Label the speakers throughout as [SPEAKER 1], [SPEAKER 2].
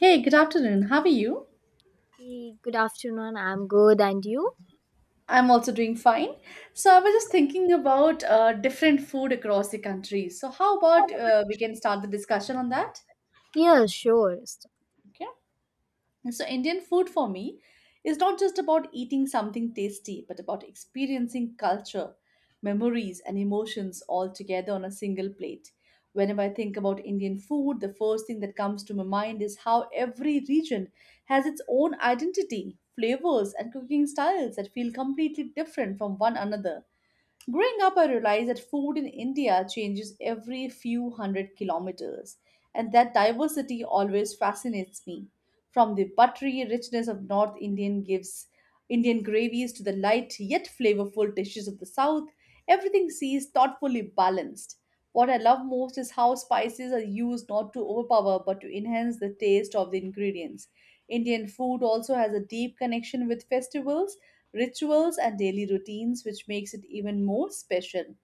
[SPEAKER 1] Hey, good afternoon. How are you?
[SPEAKER 2] Hey, good afternoon. I'm good. And you?
[SPEAKER 1] I'm also doing fine. So I was just thinking about different food across the country. So how about we can start the discussion on that?
[SPEAKER 2] Yeah, sure. So,
[SPEAKER 1] Okay. So, Indian food for me is not just about eating something tasty, but about experiencing culture, memories, and emotions all together on a single plate. Whenever I think about Indian food, the first thing that comes to my mind is how every region has its own identity, flavors, and cooking styles that feel completely different from one another. Growing up, I realized that food in India changes every few hundred kilometers, and that diversity always fascinates me. From the buttery richness of North Indian gives Indian gravies to the light yet flavorful dishes of the South, everything seems thoughtfully balanced. What I love most is how spices are used not to overpower but to enhance the taste of the ingredients. Indian food also has a deep connection with festivals rituals, and daily routines, which makes it even more special.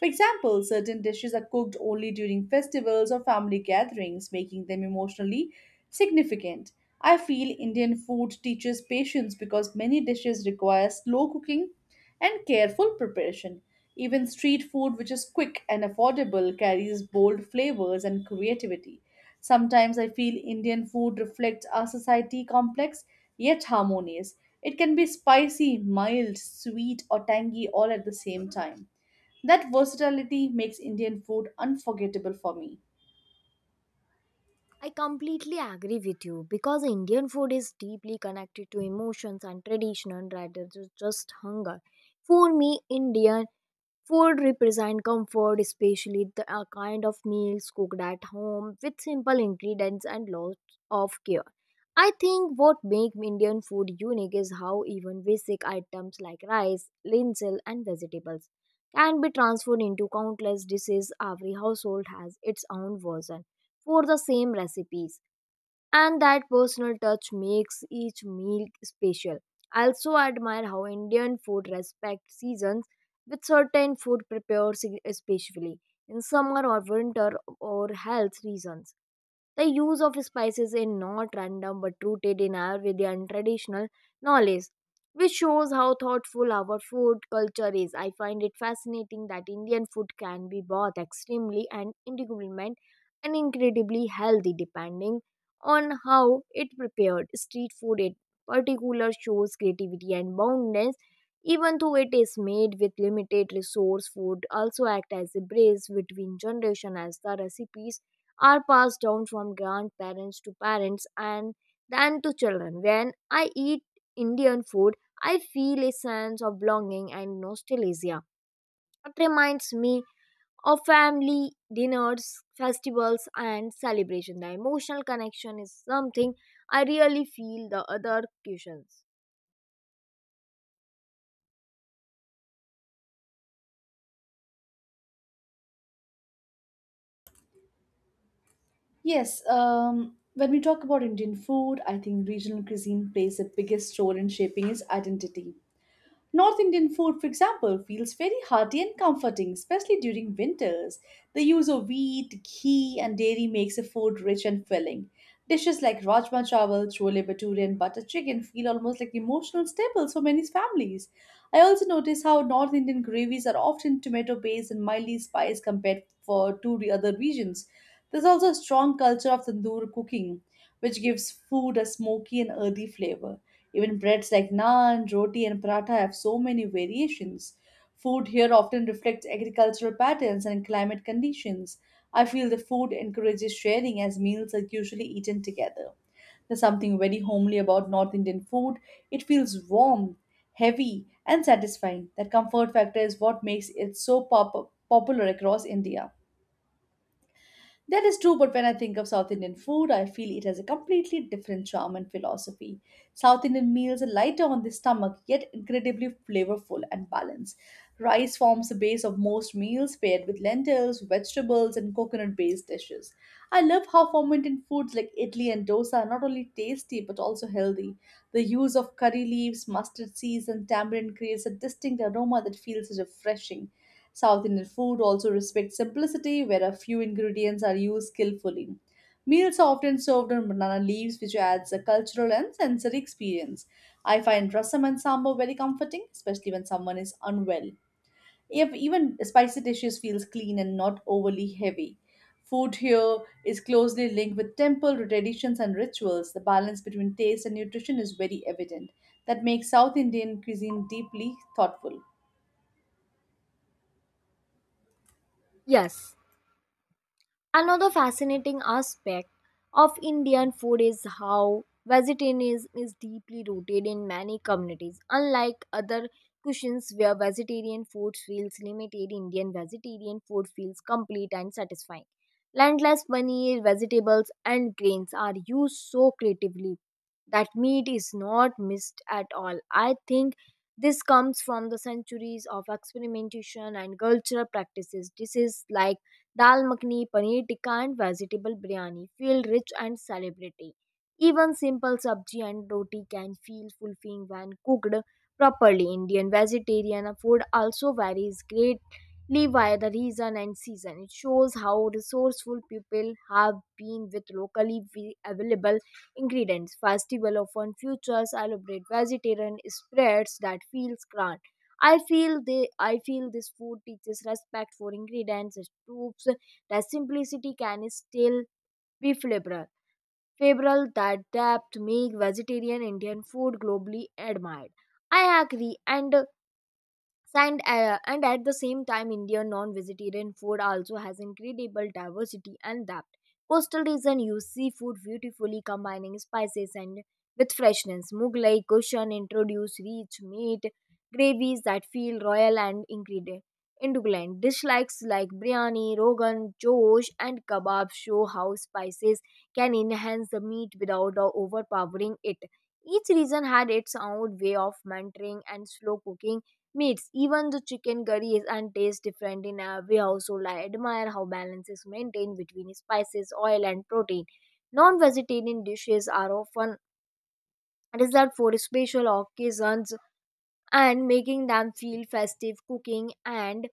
[SPEAKER 1] For example, certain dishes are cooked only during festivals or family gatherings, making them emotionally significant. I feel Indian food teaches patience because many dishes require slow cooking and careful preparation. Even street food, which is quick and affordable, carries bold flavors and creativity. Sometimes I feel Indian food reflects our society complex yet harmonious. It can be spicy, mild, sweet, or tangy all at the same time. That versatility makes Indian food unforgettable for me.
[SPEAKER 2] I completely agree with you because Indian food is deeply connected to emotions and tradition rather than just hunger. For me, Indian Food represents comfort, especially the kind of meals cooked at home with simple ingredients and lots of care. I think what makes Indian food unique is how even basic items like rice, linseed, and vegetables can be transformed into countless dishes. Every household has its own version for the same recipes, and that personal touch makes each meal special. I also admire how Indian food respects seasons, with certain food prepared especially in summer or winter or health reasons. The use of spices is not random but rooted in Ayurvedic traditional knowledge, which shows how thoughtful our food culture is. I find it fascinating that Indian food can be both extremely and incredibly healthy depending on how it prepared. Street food in particular shows creativity and boundness even though it is made with limited resource. Food also act as a bridge between generation as the recipes are passed down from grandparents to parents and then to children. When I eat Indian food, I feel a sense of belonging and nostalgia. It reminds me or family dinners, festivals, and celebration. The emotional connection is something I really feel the other cushions.
[SPEAKER 1] Yes, when we talk about Indian food, I think regional cuisine plays the biggest role in shaping its identity. North Indian food, for example, feels very hearty and comforting, especially during winters. The use of wheat, ghee, and dairy makes a food rich and filling. Dishes like rajma chawal, chole bhature, and butter chicken feel almost like emotional staples for many families. I also notice how North Indian gravies are often tomato based and mildly spiced compared for to the other regions. There's also a strong culture of tandoor cooking which gives food a smoky and earthy flavor. Even breads like naan, roti, and paratha have so many variations. Food here often reflects agricultural patterns and climate conditions. I feel the food encourages sharing as meals are usually eaten together. There's something very homely about North Indian food. It feels warm, heavy, and satisfying. That comfort factor is what makes it so popular across India. That is true, but when I think of South Indian food, I feel it has a completely different charm and philosophy. South Indian meals are lighter on the stomach, yet incredibly flavorful and balanced. Rice forms the base of most meals, paired with lentils, vegetables, and coconut based dishes. I love how fermented foods like idli and dosa are not only tasty but also healthy. The use of curry leaves, mustard seeds, and tamarind creates a distinct aroma that feels refreshing. South Indian food also respects simplicity, where a few ingredients are used skillfully. Meals are often served on banana leaves, which adds a cultural and sensory experience. I find rasam and sambar very comforting, especially when someone is unwell. If even spicy dishes feels clean and not overly heavy. Food here is closely linked with temple traditions and rituals. The balance between taste and nutrition is very evident. That makes South Indian cuisine deeply thoughtful.
[SPEAKER 2] Yes, another fascinating aspect of Indian food is how vegetarianism is deeply rooted in many communities. Unlike other cuisines where vegetarian food feels limited, Indian vegetarian food feels complete and satisfying. Landless paneer, vegetables, and grains are used so creatively that meat is not missed at all. I think this comes from the centuries of experimentation and cultural practices. This is like dal makhani, paneer tikka, and vegetable biryani feel rich and celebratory. Even simple sabji and roti can feel fulfilling when cooked properly. Indian vegetarian food also varies greatly by the region and season. It shows how resourceful people have been with locally available ingredients. Festival often features elaborate vegetarian spreads that feels grand. I feel this food teaches respect for ingredients, its proofs that simplicity can still be flavorful. Favorable that depth make vegetarian Indian food globally admired. I agree, and at the same time Indian non-vegetarian food also has incredible diversity and depth. Coastal region use seafood beautifully combining spices and with freshness. Mughlai cuisine introduce rich meat gravies that feel royal and ingredient indulgent. Dislikes like biryani, rogan josh, and kebab show how spices can enhance the meat without overpowering it. Each region had its own way of mentoring and slow cooking meats. Even the chicken curry is and tastes different in every household. I admire how balance is maintained between spices, oil, and protein. Non-vegetarian dishes are often reserved for special occasions and making them feel festive. Cooking and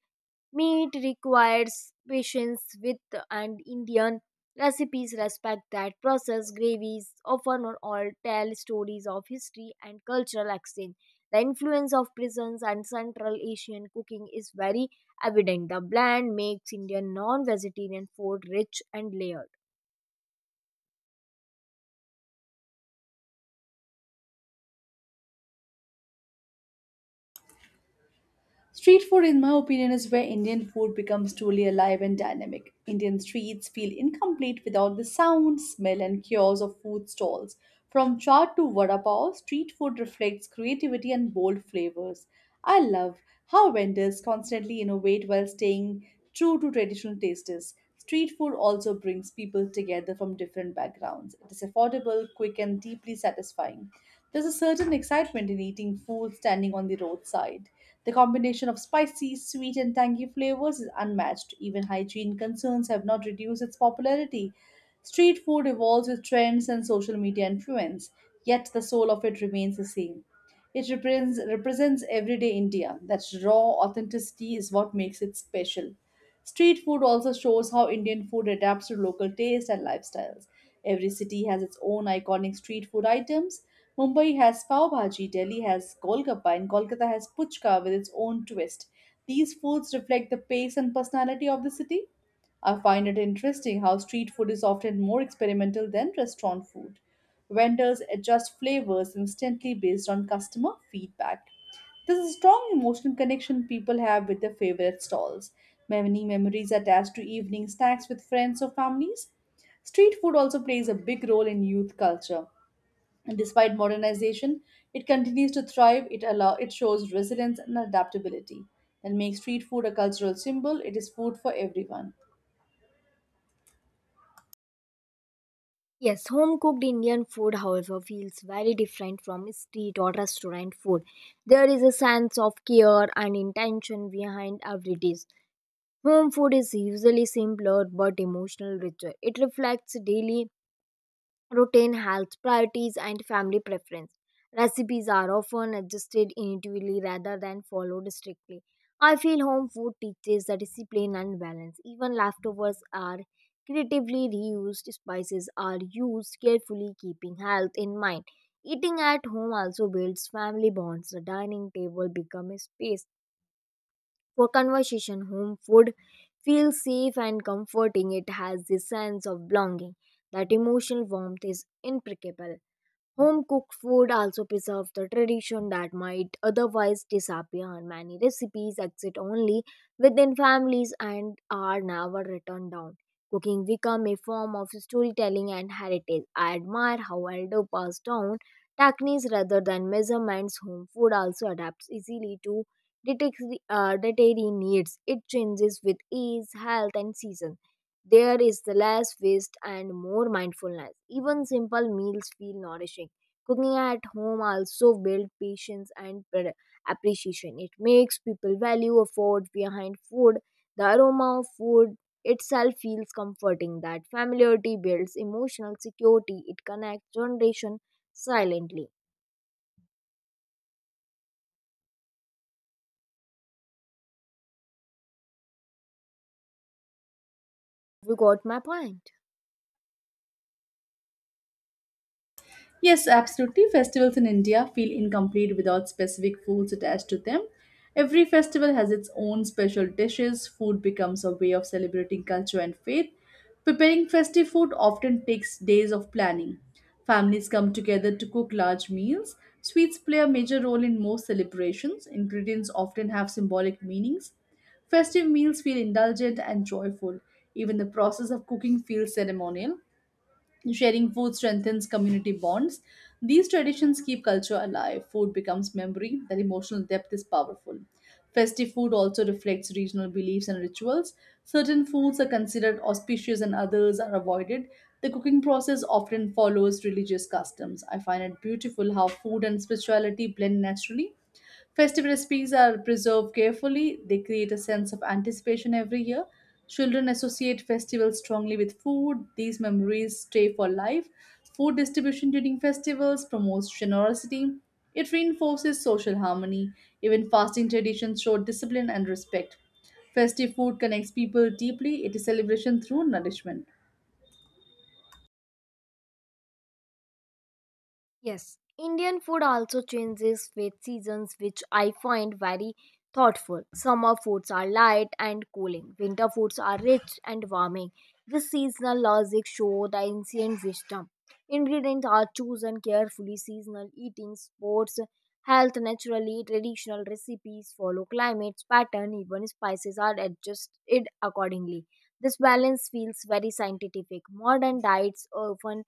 [SPEAKER 2] meat requires patience, with and Indian recipes respect that process. Gravies often or all tell stories of history and cultural exchange. The influence of prisons and Central Asian cooking is very evident. The blend makes Indian non-vegetarian food rich and layered.
[SPEAKER 1] Street food, in my opinion, is where Indian food becomes truly alive and dynamic. Indian streets feel incomplete without the sound, smell, and chaos of food stalls. From chaat to vada pav, street food reflects creativity and bold flavors. I love how vendors constantly innovate while staying true to traditional tastes. Street food also brings people together from different backgrounds. It is affordable, quick, and deeply satisfying. There's a certain excitement in eating food standing on the roadside. The combination of spicy, sweet, and tangy flavors is unmatched. Even hygiene concerns have not reduced its popularity. Street food evolves with trends and social media influence, yet the soul of it remains the same. It represents everyday India. That's raw authenticity is what makes it special. Street food also shows how Indian food adapts to local taste and lifestyles. Every city has its own iconic street food items. Mumbai has pav bhaji, Delhi has golgappa, and Kolkata has puchka with its own twist. These foods reflect the pace and personality of the city. I find it interesting how street food is often more experimental than restaurant food. Vendors adjust flavors instantly based on customer feedback. There's a strong emotional connection people have with their favorite stalls. Many memories attached to evening snacks with friends or families. Street food also plays a big role in youth culture. And despite modernization, it continues to thrive. It allow it shows resilience and adaptability and makes street food a cultural symbol. It is food for everyone.
[SPEAKER 2] Yes, home cooked Indian food, however, feels very different from street or restaurant food. There is a sense of care and intention behind every dish. Home food is usually simpler but emotional richer. It reflects daily routine, health priorities, and family preference. Recipes are often adjusted individually rather than followed strictly. I feel home food teaches the discipline and balance. Even leftovers are creatively reused, spices are used carefully, keeping health in mind. Eating at home also builds family bonds. The dining table becomes a space for conversation. Home food feels safe and comforting. It has the sense of belonging. That emotional warmth is impeccable. Home cooked food also preserves the tradition that might otherwise disappear. Many recipes exist only within families and are never written down. Cooking become a form of storytelling and heritage. I admire how elders pass down techniques rather than measurements. Home food also adapts easily to dietary needs. It changes with age, health, and season. There is the less waste and more mindfulness. Even simple meals feel nourishing. Cooking at home also builds patience and appreciation. It makes people value effort behind food. The aroma of food itself feels comforting. That familiarity builds emotional security. It connects generation silently. You got my point.
[SPEAKER 1] Yes, absolutely. Festivals in India feel incomplete without specific foods attached to them. Every festival has its own special dishes. Food becomes a way of celebrating culture and faith. Preparing festive food often takes days of planning. Families come together to cook large meals. Sweets play a major role in most celebrations. Ingredients often have symbolic meanings. Festive meals feel indulgent and joyful. Even the process of cooking feels ceremonial. Sharing food strengthens community bonds. These traditions keep culture alive. Food becomes memory, that emotional depth is powerful. Festive food also reflects regional beliefs and rituals. Certain foods are considered auspicious and others are avoided. The cooking process often follows religious customs. I find it beautiful how food and spirituality blend naturally. Festive recipes are preserved carefully, they create a sense of anticipation every year. Children associate festivals strongly with food, these memories stay for life. Food distribution during festivals promotes generosity, it reinforces social harmony. Even fasting traditions show discipline and respect. Festive food connects people deeply, it is celebration through nourishment.
[SPEAKER 2] Yes, Indian food also changes with seasons, which I find very thoughtful. Summer foods are light and cooling, winter foods are rich and warming. This seasonal logic shows the ancient wisdom. Ingredients are chosen carefully, seasonal eating, sports, health naturally, traditional recipes follow climates, pattern, even spices are adjusted accordingly. This balance feels very scientific. Modern diets often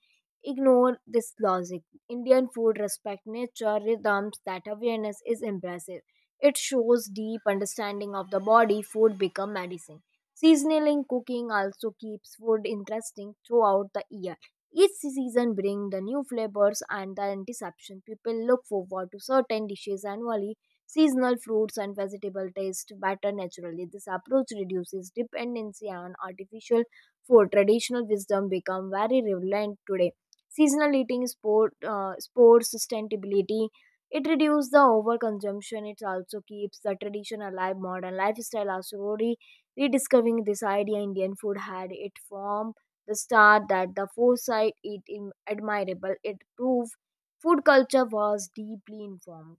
[SPEAKER 2] ignore this logic. Indian food respects nature rhythms. That awareness is impressive. It shows deep understanding of the body. Food become medicine. Seasonal in cooking also keeps food interesting throughout the year. Each season brings the new flavors and the anticipation. People look forward to certain dishes annually. Seasonal fruits and vegetable taste better naturally. This approach reduces dependency on artificial food. Traditional wisdom become very relevant today. Seasonal eating, sports sustainability. It reduces the overconsumption. It also keeps the tradition alive. Modern lifestyle are slowly rediscovering this idea. Indian food had it from the start. That the foresight it admirable. It proved food culture was deeply informed.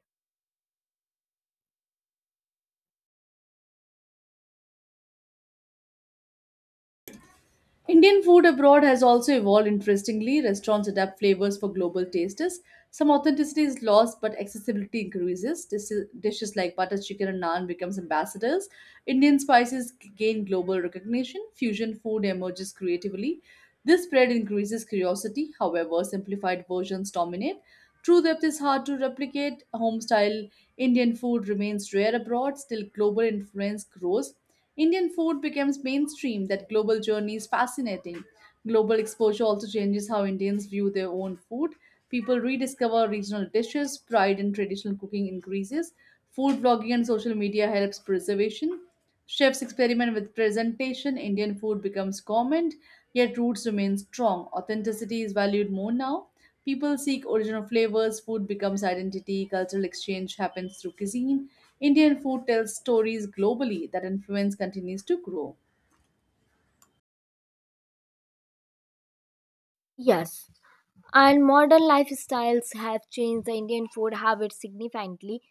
[SPEAKER 1] Indian food abroad has also evolved interestingly. Restaurants adapt flavors for global tastes. Some authenticity is lost, but accessibility increases. Dishes like butter chicken and naan becomes ambassadors. Indian spices gain global recognition. Fusion food emerges creatively. This spread increases curiosity. However, simplified versions dominate. True depth is hard to replicate. Home style Indian food remains rare abroad. Still, global influence grows. Indian food becomes mainstream, that global journey is fascinating. Global exposure also changes how Indians view their own food. People rediscover regional dishes, pride in traditional cooking increases, food blogging and social media helps preservation. Chefs experiment with presentation, Indian food becomes common, yet roots remain strong. Authenticity is valued more now. People seek original flavors, food becomes identity, cultural exchange happens through cuisine. Indian food tells stories globally that influence continues to grow.
[SPEAKER 2] Yes, and modern lifestyles have changed the Indian food habits significantly.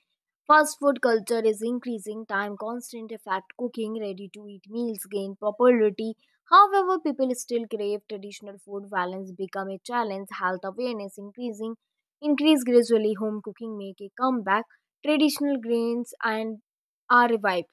[SPEAKER 2] Fast food culture is increasing. Time constant effect cooking, ready to eat meals gain popularity. However, people still crave traditional food. Balance become a challenge. Health awareness increase gradually. Home cooking make a comeback. Traditional grains and are revived.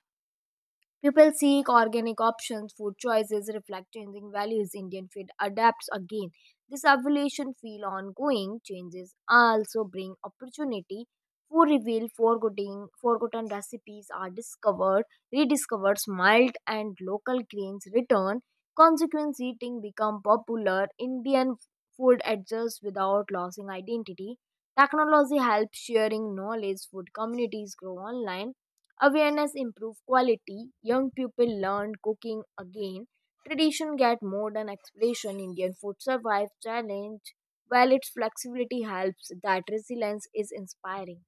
[SPEAKER 2] People seek organic options, food choices reflect changing values, Indian food adapts again. This evolution feel ongoing. Changes also bring opportunity for reveal forgotten recipes are rediscovered, mild and local grains return. Consequence eating become popular. Indian food adjusts without losing identity. Technology helps sharing knowledge. Food communities grow online. Awareness improve quality. Young people learn cooking again. Tradition get modern expression. Indian food survive challenge. While its flexibility helps, that resilience is inspiring.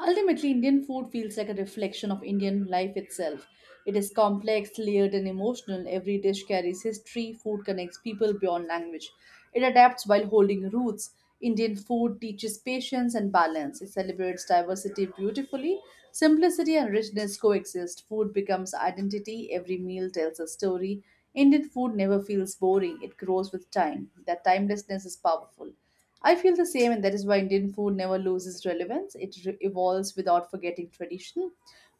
[SPEAKER 1] Ultimately, Indian food feels like a reflection of Indian life itself. It is complex, layered, and emotional. Every dish carries history. Food connects people beyond language. It adapts while holding roots. Indian food teaches patience and balance. It celebrates diversity beautifully. Simplicity and richness coexist. Food becomes identity. Every meal tells a story. Indian food never feels boring. It grows with time. That timelessness is powerful. I feel the same, and that is why Indian food never loses relevance. Evolves without forgetting tradition.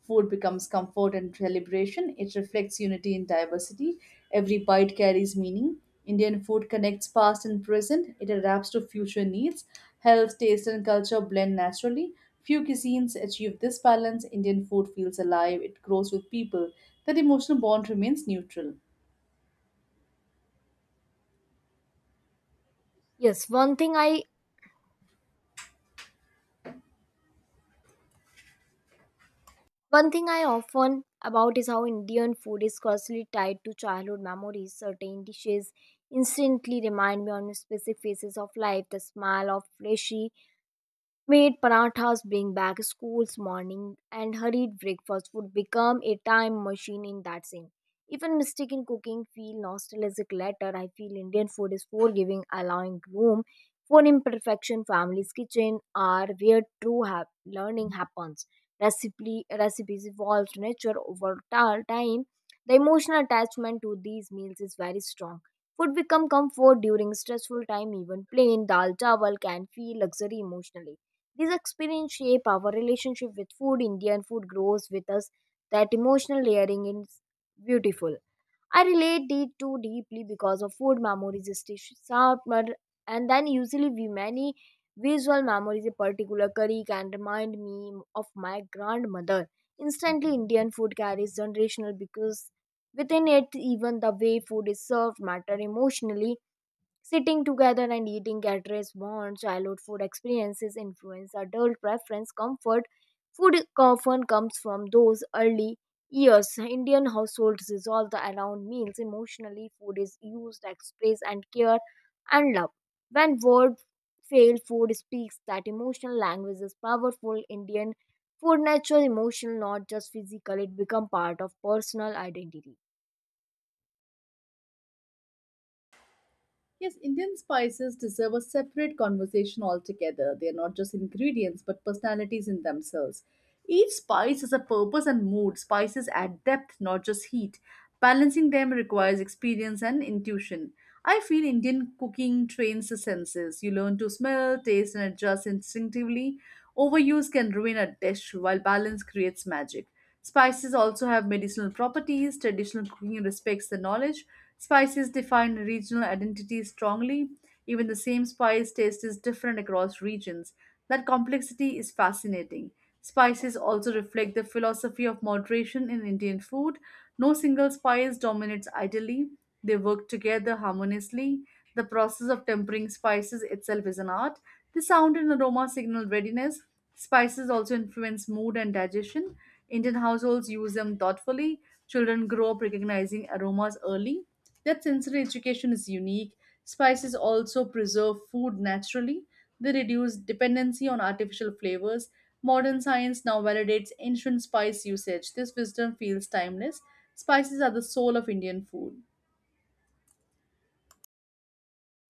[SPEAKER 1] Food becomes comfort and celebration. It reflects unity in diversity. Every bite carries meaning. Indian food connects past and present. It adapts to future needs. Health, taste, and culture blend naturally. Few cuisines achieve this balance. Indian food feels alive. It grows with people. That emotional bond remains neutral.
[SPEAKER 2] Yes, one thing I often about is how Indian food is closely tied to childhood memories. Certain dishes instantly remind me on specific phases of life. The smell of fleshy made parathas bring back school's morning, and hurried breakfast would become a time machine in that scene. Even mistaken cooking feel nostalgic later. I feel Indian food is forgiving, allowing room for imperfection. Families' kitchen are where true learning happens. Recipes evolve to nature over time. The emotional attachment to these meals is very strong. Food become comfort during stressful time. Even plain dal chawal can feel luxury emotionally. These experience shape our relationship with food. Indian food grows with us. That emotional layering is beautiful. I relate it too deeply because of food memories, summer, and then usually we many visual memories. A particular curry can remind me of my grandmother. Instantly, Indian food carries generational because within it, even the way food is served matter emotionally. Sitting together and eating at restaurants, childhood food experiences influence adult preference. Comfort food often comes from those early years. Indian households resolve the around meals. Emotionally, food is used to express and care and love. When words fail, food speaks. That emotional language is powerful. Indian food natural emotional, not just physical. It become part of personal identity.
[SPEAKER 1] Yes, Indian spices deserve a separate conversation altogether. They are not just ingredients, but personalities in themselves. Each spice has a purpose and mood. Spices add depth, not just heat. Balancing them requires experience and intuition. I feel Indian cooking trains the senses. You learn to smell, taste, and adjust instinctively. Overuse can ruin a dish, while balance creates magic. Spices also have medicinal properties. Traditional cooking respects the knowledge. Spices define regional identity strongly. Even the same spice taste is different across regions. That complexity is fascinating. Spices also reflect the philosophy of moderation in Indian food. No single spice dominates ideally, they work together harmoniously. The process of tempering spices itself is an art. The sound and aroma signal readiness, Spices also influence mood and digestion. Indian households use them thoughtfully. Children grow up recognizing aromas early. That sensory education is unique. Spices also preserve food naturally. They reduce dependency on artificial flavors. Modern science now validates ancient spice usage. This wisdom feels timeless. Spices are the soul of Indian food.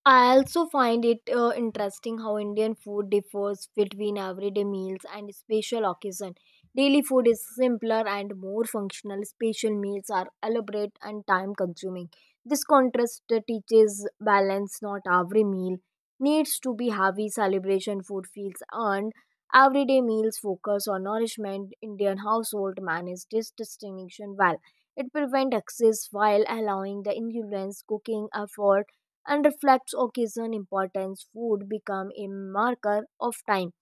[SPEAKER 2] I also find it interesting how Indian food differs between everyday meals and special occasion. Daily food is simpler and more functional. Special meals are elaborate and time consuming. This contrast teaches balance. Not every meal needs to be heavy. Celebration food feels earned. Everyday meals focus on nourishment. Indian household manage this distinction well. It prevents excess while allowing the influence cooking effort and reflects occasion importance would become a marker of time.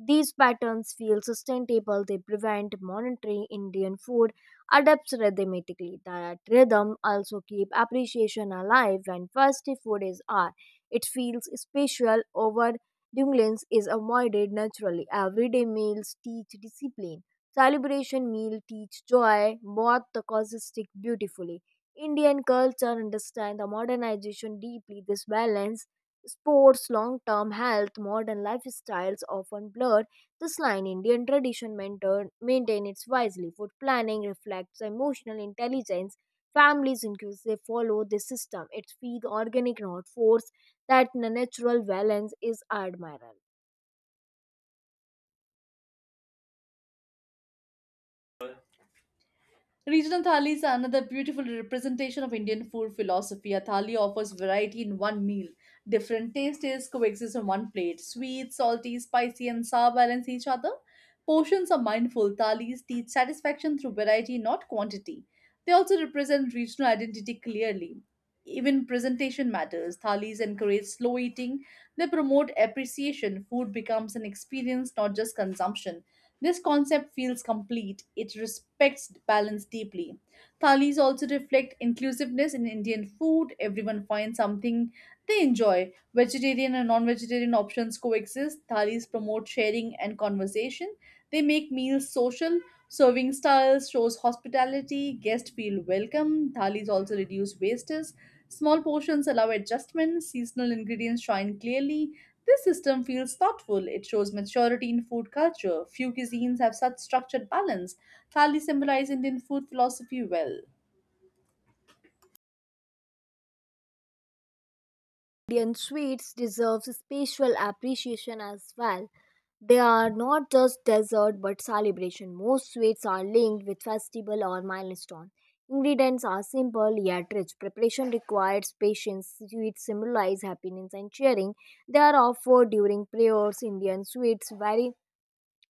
[SPEAKER 2] These patterns feel sustainable, they prevent monitoring. Indian food adapts rhythmically. That rhythm also keep appreciation alive when festive food is art. It feels special over. Dunglins is avoided naturally. Everyday meals teach discipline. Celebration meal teach joy, both the causes stick beautifully. Indian culture understand the modernization deeply. This balance sports, long term health, modern lifestyles often blurred this line. Indian tradition maintain it wisely. Food planning reflects emotional intelligence. Families inclusive follow this system. It feed organic, not force. That natural balance is admirable.
[SPEAKER 1] Regional thalis are another beautiful representation of Indian food philosophy. A thali offers variety in one meal. Different tastes coexist on one plate. Sweet, salty, spicy, and sour balance each other. Portions are mindful. Thalis teach satisfaction through variety, not quantity. They also represent regional identity clearly. Even presentation matters. Thalis encourage slow eating. They promote appreciation. Food becomes an experience, not just consumption. This concept feels complete. It respects balance deeply. Thalis also reflect inclusiveness in Indian food. Everyone finds something they enjoy. Vegetarian and non vegetarian options coexist. Thalis promote sharing and conversation. They make meals social. Serving styles shows hospitality, guests feel welcome, thalis also reduce wastage, small portions allow adjustment, seasonal ingredients shine clearly. This system feels thoughtful, it shows maturity in food culture. Few cuisines have such structured balance. Thali symbolize Indian food philosophy well.
[SPEAKER 2] Indian sweets deserves special appreciation as well. They are not just dessert but celebration. Most sweets are linked with festival or milestone. Ingredients are simple yet rich. Preparation requires patience. Sweets symbolize happiness and cheering. They are offered during prayers. Indian sweets vary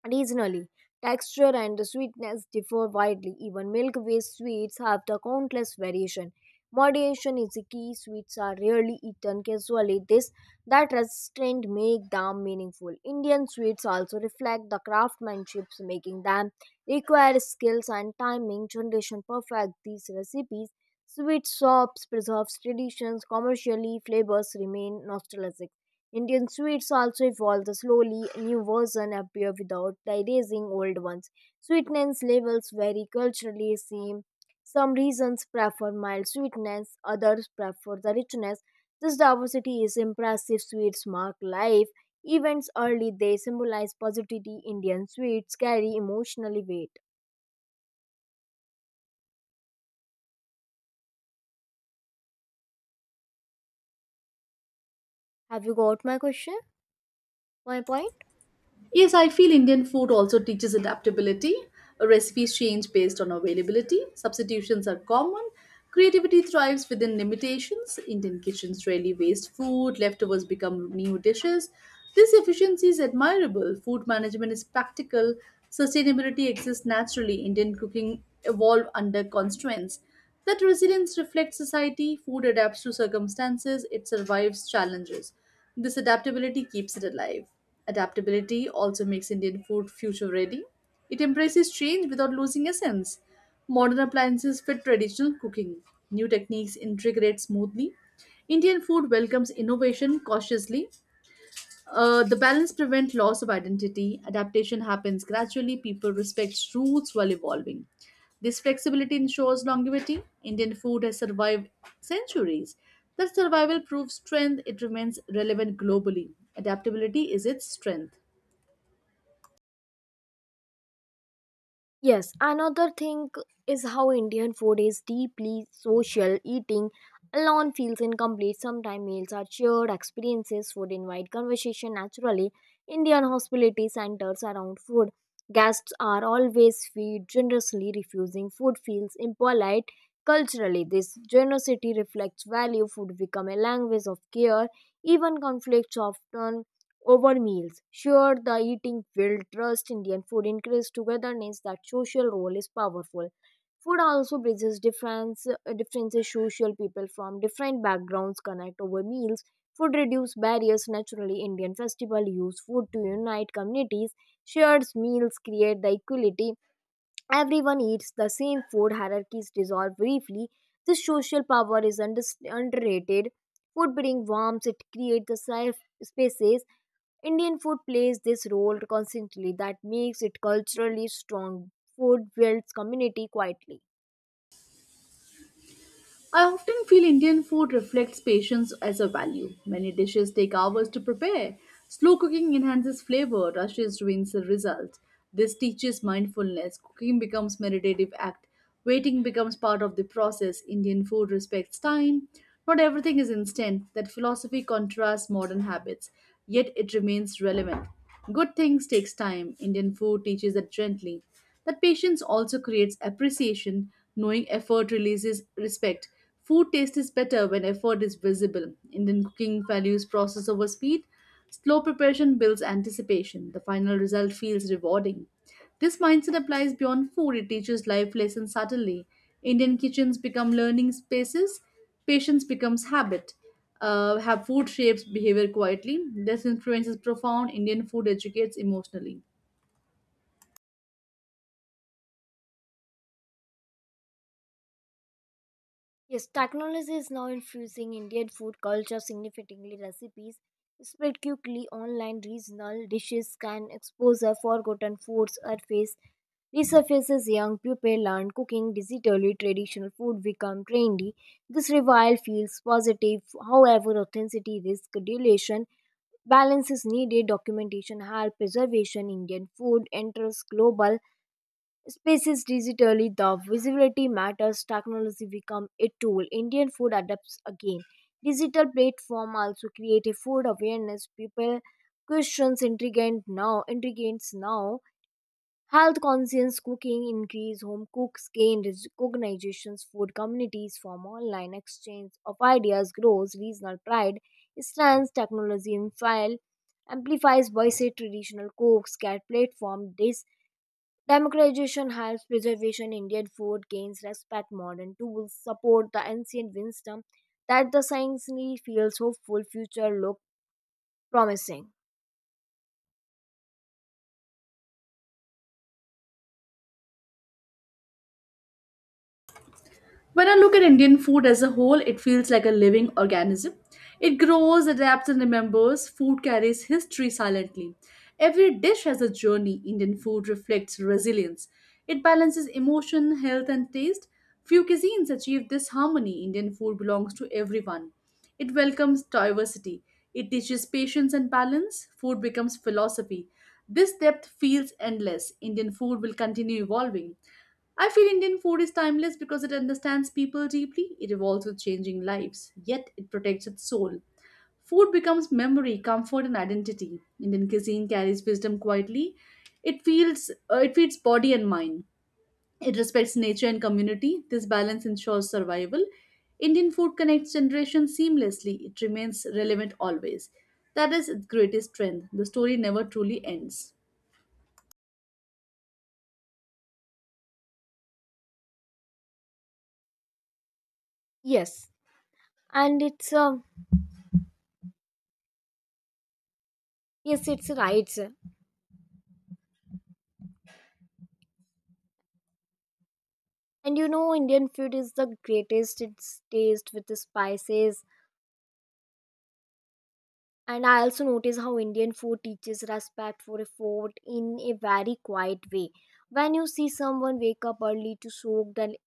[SPEAKER 2] regionally, texture and the sweetness differ widely. Even milk-based sweets have the countless variation. Moderation is the key. Sweets are rarely eaten casually. This that restraint make them meaningful. Indian sweets also reflect the craftsmanship, making them require skills and timing. Generation perfect these recipes. Sweet shops preserves traditions. Commercially, flavors remain nostalgic. Indian sweets also evolved slowly, new versions appear without erasing old ones. Sweetness levels vary culturally. Same. Some regions prefer mild sweetness, others prefer the richness. This diversity is impressive. Sweets mark life. Events early, they symbolize positivity. Indian sweets carry emotionally weight. Have you got my question? My point?
[SPEAKER 1] Yes, I feel Indian food also teaches adaptability. Recipes change based on availability, substitutions are common, creativity thrives within limitations, Indian kitchens rarely waste food, leftovers become new dishes. This efficiency is admirable. Food management is practical, sustainability exists naturally. Indian cooking evolved under constraints. That resilience reflects society, food adapts to circumstances, it survives challenges. This adaptability keeps it alive. Adaptability also makes Indian food future ready. It embraces change without losing essence. Modern appliances fit traditional cooking. New techniques integrate smoothly. Indian food welcomes innovation cautiously. The balance prevent loss of identity. Adaptation happens gradually. People respect roots while evolving. This flexibility ensures longevity. Indian food has survived centuries. That survival proves strength. It remains relevant globally. Adaptability is its strength.
[SPEAKER 2] Yes, another thing is how Indian food is deeply social. Eating alone feels incomplete. Sometimes meals are shared experiences. Food invite conversation naturally. Indian hospitality centers around food. Guests are always fed generously. Refusing food feels impolite culturally. This generosity reflects value. Food become a language of care. Even conflicts often over meals. Sure, the eating will trust Indian food increase togetherness. That social role is powerful. Food also bridges differences. Social people from different backgrounds connect over meals. Food reduce barriers naturally. Indian festival use food to unite communities. Shared meals create the equality. Everyone eats the same food. Hierarchies dissolve briefly. This social power is underrated. Food brings warmth. It creates the safe spaces. Indian food plays this role constantly, that makes it culturally strong. Food builds community quietly.
[SPEAKER 1] I often feel Indian food reflects patience as a value. Many dishes take hours to prepare. Slow cooking enhances flavor, rushes ruins the result. This teaches mindfulness. Cooking becomes meditative act. Waiting becomes part of the process. Indian food respects time. Not everything is instant. That philosophy contrasts modern habits, yet it remains relevant. Good things takes time. Indian food teaches that gently. That patience also creates appreciation, knowing effort releases respect. Food taste is better when effort is visible. Indian cooking values process over speed. Slow preparation builds anticipation. The final result feels rewarding. This mindset applies beyond food, it teaches life lessons subtly. Indian kitchens become learning spaces, patience becomes habit. Have food shapes behavior quietly. This influence is profound. Indian food educates emotionally.
[SPEAKER 2] Yes, technology is now infusing Indian food culture significantly. Recipes spread quickly online, regional dishes can expose a forgotten foods surface. Resurfaces young people learn cooking digitally, traditional food become trendy. This revival feels positive. However, authenticity risk dilution. Balance is needed. Documentation help preservation. Indian food enters global spaces digitally. The visibility matters. Technology become a tool. Indian food adapts again. Digital platform also create a food awareness. People questions intriguant now. Intriguants now Health conscious cooking increase, home cooks gain recognitions, food communities form online, exchange of ideas grows, regional pride strengths technology in file amplifies voice. Traditional cooks get platform. This democratization helps preservation. Indian food gains respect. Modern tools support the ancient wisdom. That the science need feels hopeful. Future look promising.
[SPEAKER 1] When I look at Indian food as a whole, it feels like a living organism. It grows, adapts, and remembers. Food carries history silently. Every dish has a journey. Indian food reflects resilience. It balances emotion, health, and taste. Few cuisines achieve this harmony. Indian food belongs to everyone. It welcomes diversity. It teaches patience and balance. Food becomes philosophy. This depth feels endless. Indian food will continue evolving. I feel Indian food is timeless because it understands people deeply, it evolves with changing lives, yet it protects its soul. Food becomes memory, comfort, and identity. Indian cuisine carries wisdom quietly. It feeds body and mind. It respects nature and community. This balance ensures survival. Indian food connects generations seamlessly. It remains relevant always. That is its greatest strength. The story never truly ends.
[SPEAKER 2] Yes, and it's yes, it's right. And you know, Indian food is the greatest. It's taste with the spices. And I also notice how Indian food teaches respect for effort in a very quiet way. When you see someone wake up early to soak the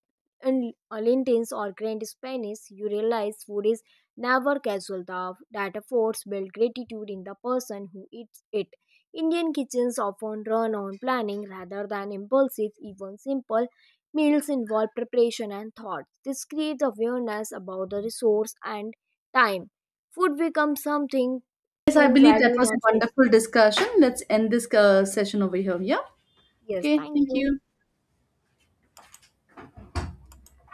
[SPEAKER 2] in Lentins or Grand Spanish, you realize food is never casual. That efforts build gratitude in the person who eats it. Indian kitchens often run on planning rather than impulsive, even simple meals involve preparation and thought. This creates awareness about the resource and time. Food becomes something
[SPEAKER 1] Yes, I
[SPEAKER 2] to
[SPEAKER 1] believe that
[SPEAKER 2] value,
[SPEAKER 1] was a
[SPEAKER 2] not waste.
[SPEAKER 1] wonderful discussion. Let's end this session over here. Yeah.
[SPEAKER 2] Yes,
[SPEAKER 1] Okay.
[SPEAKER 2] thank
[SPEAKER 1] Thank
[SPEAKER 2] you.
[SPEAKER 1] you.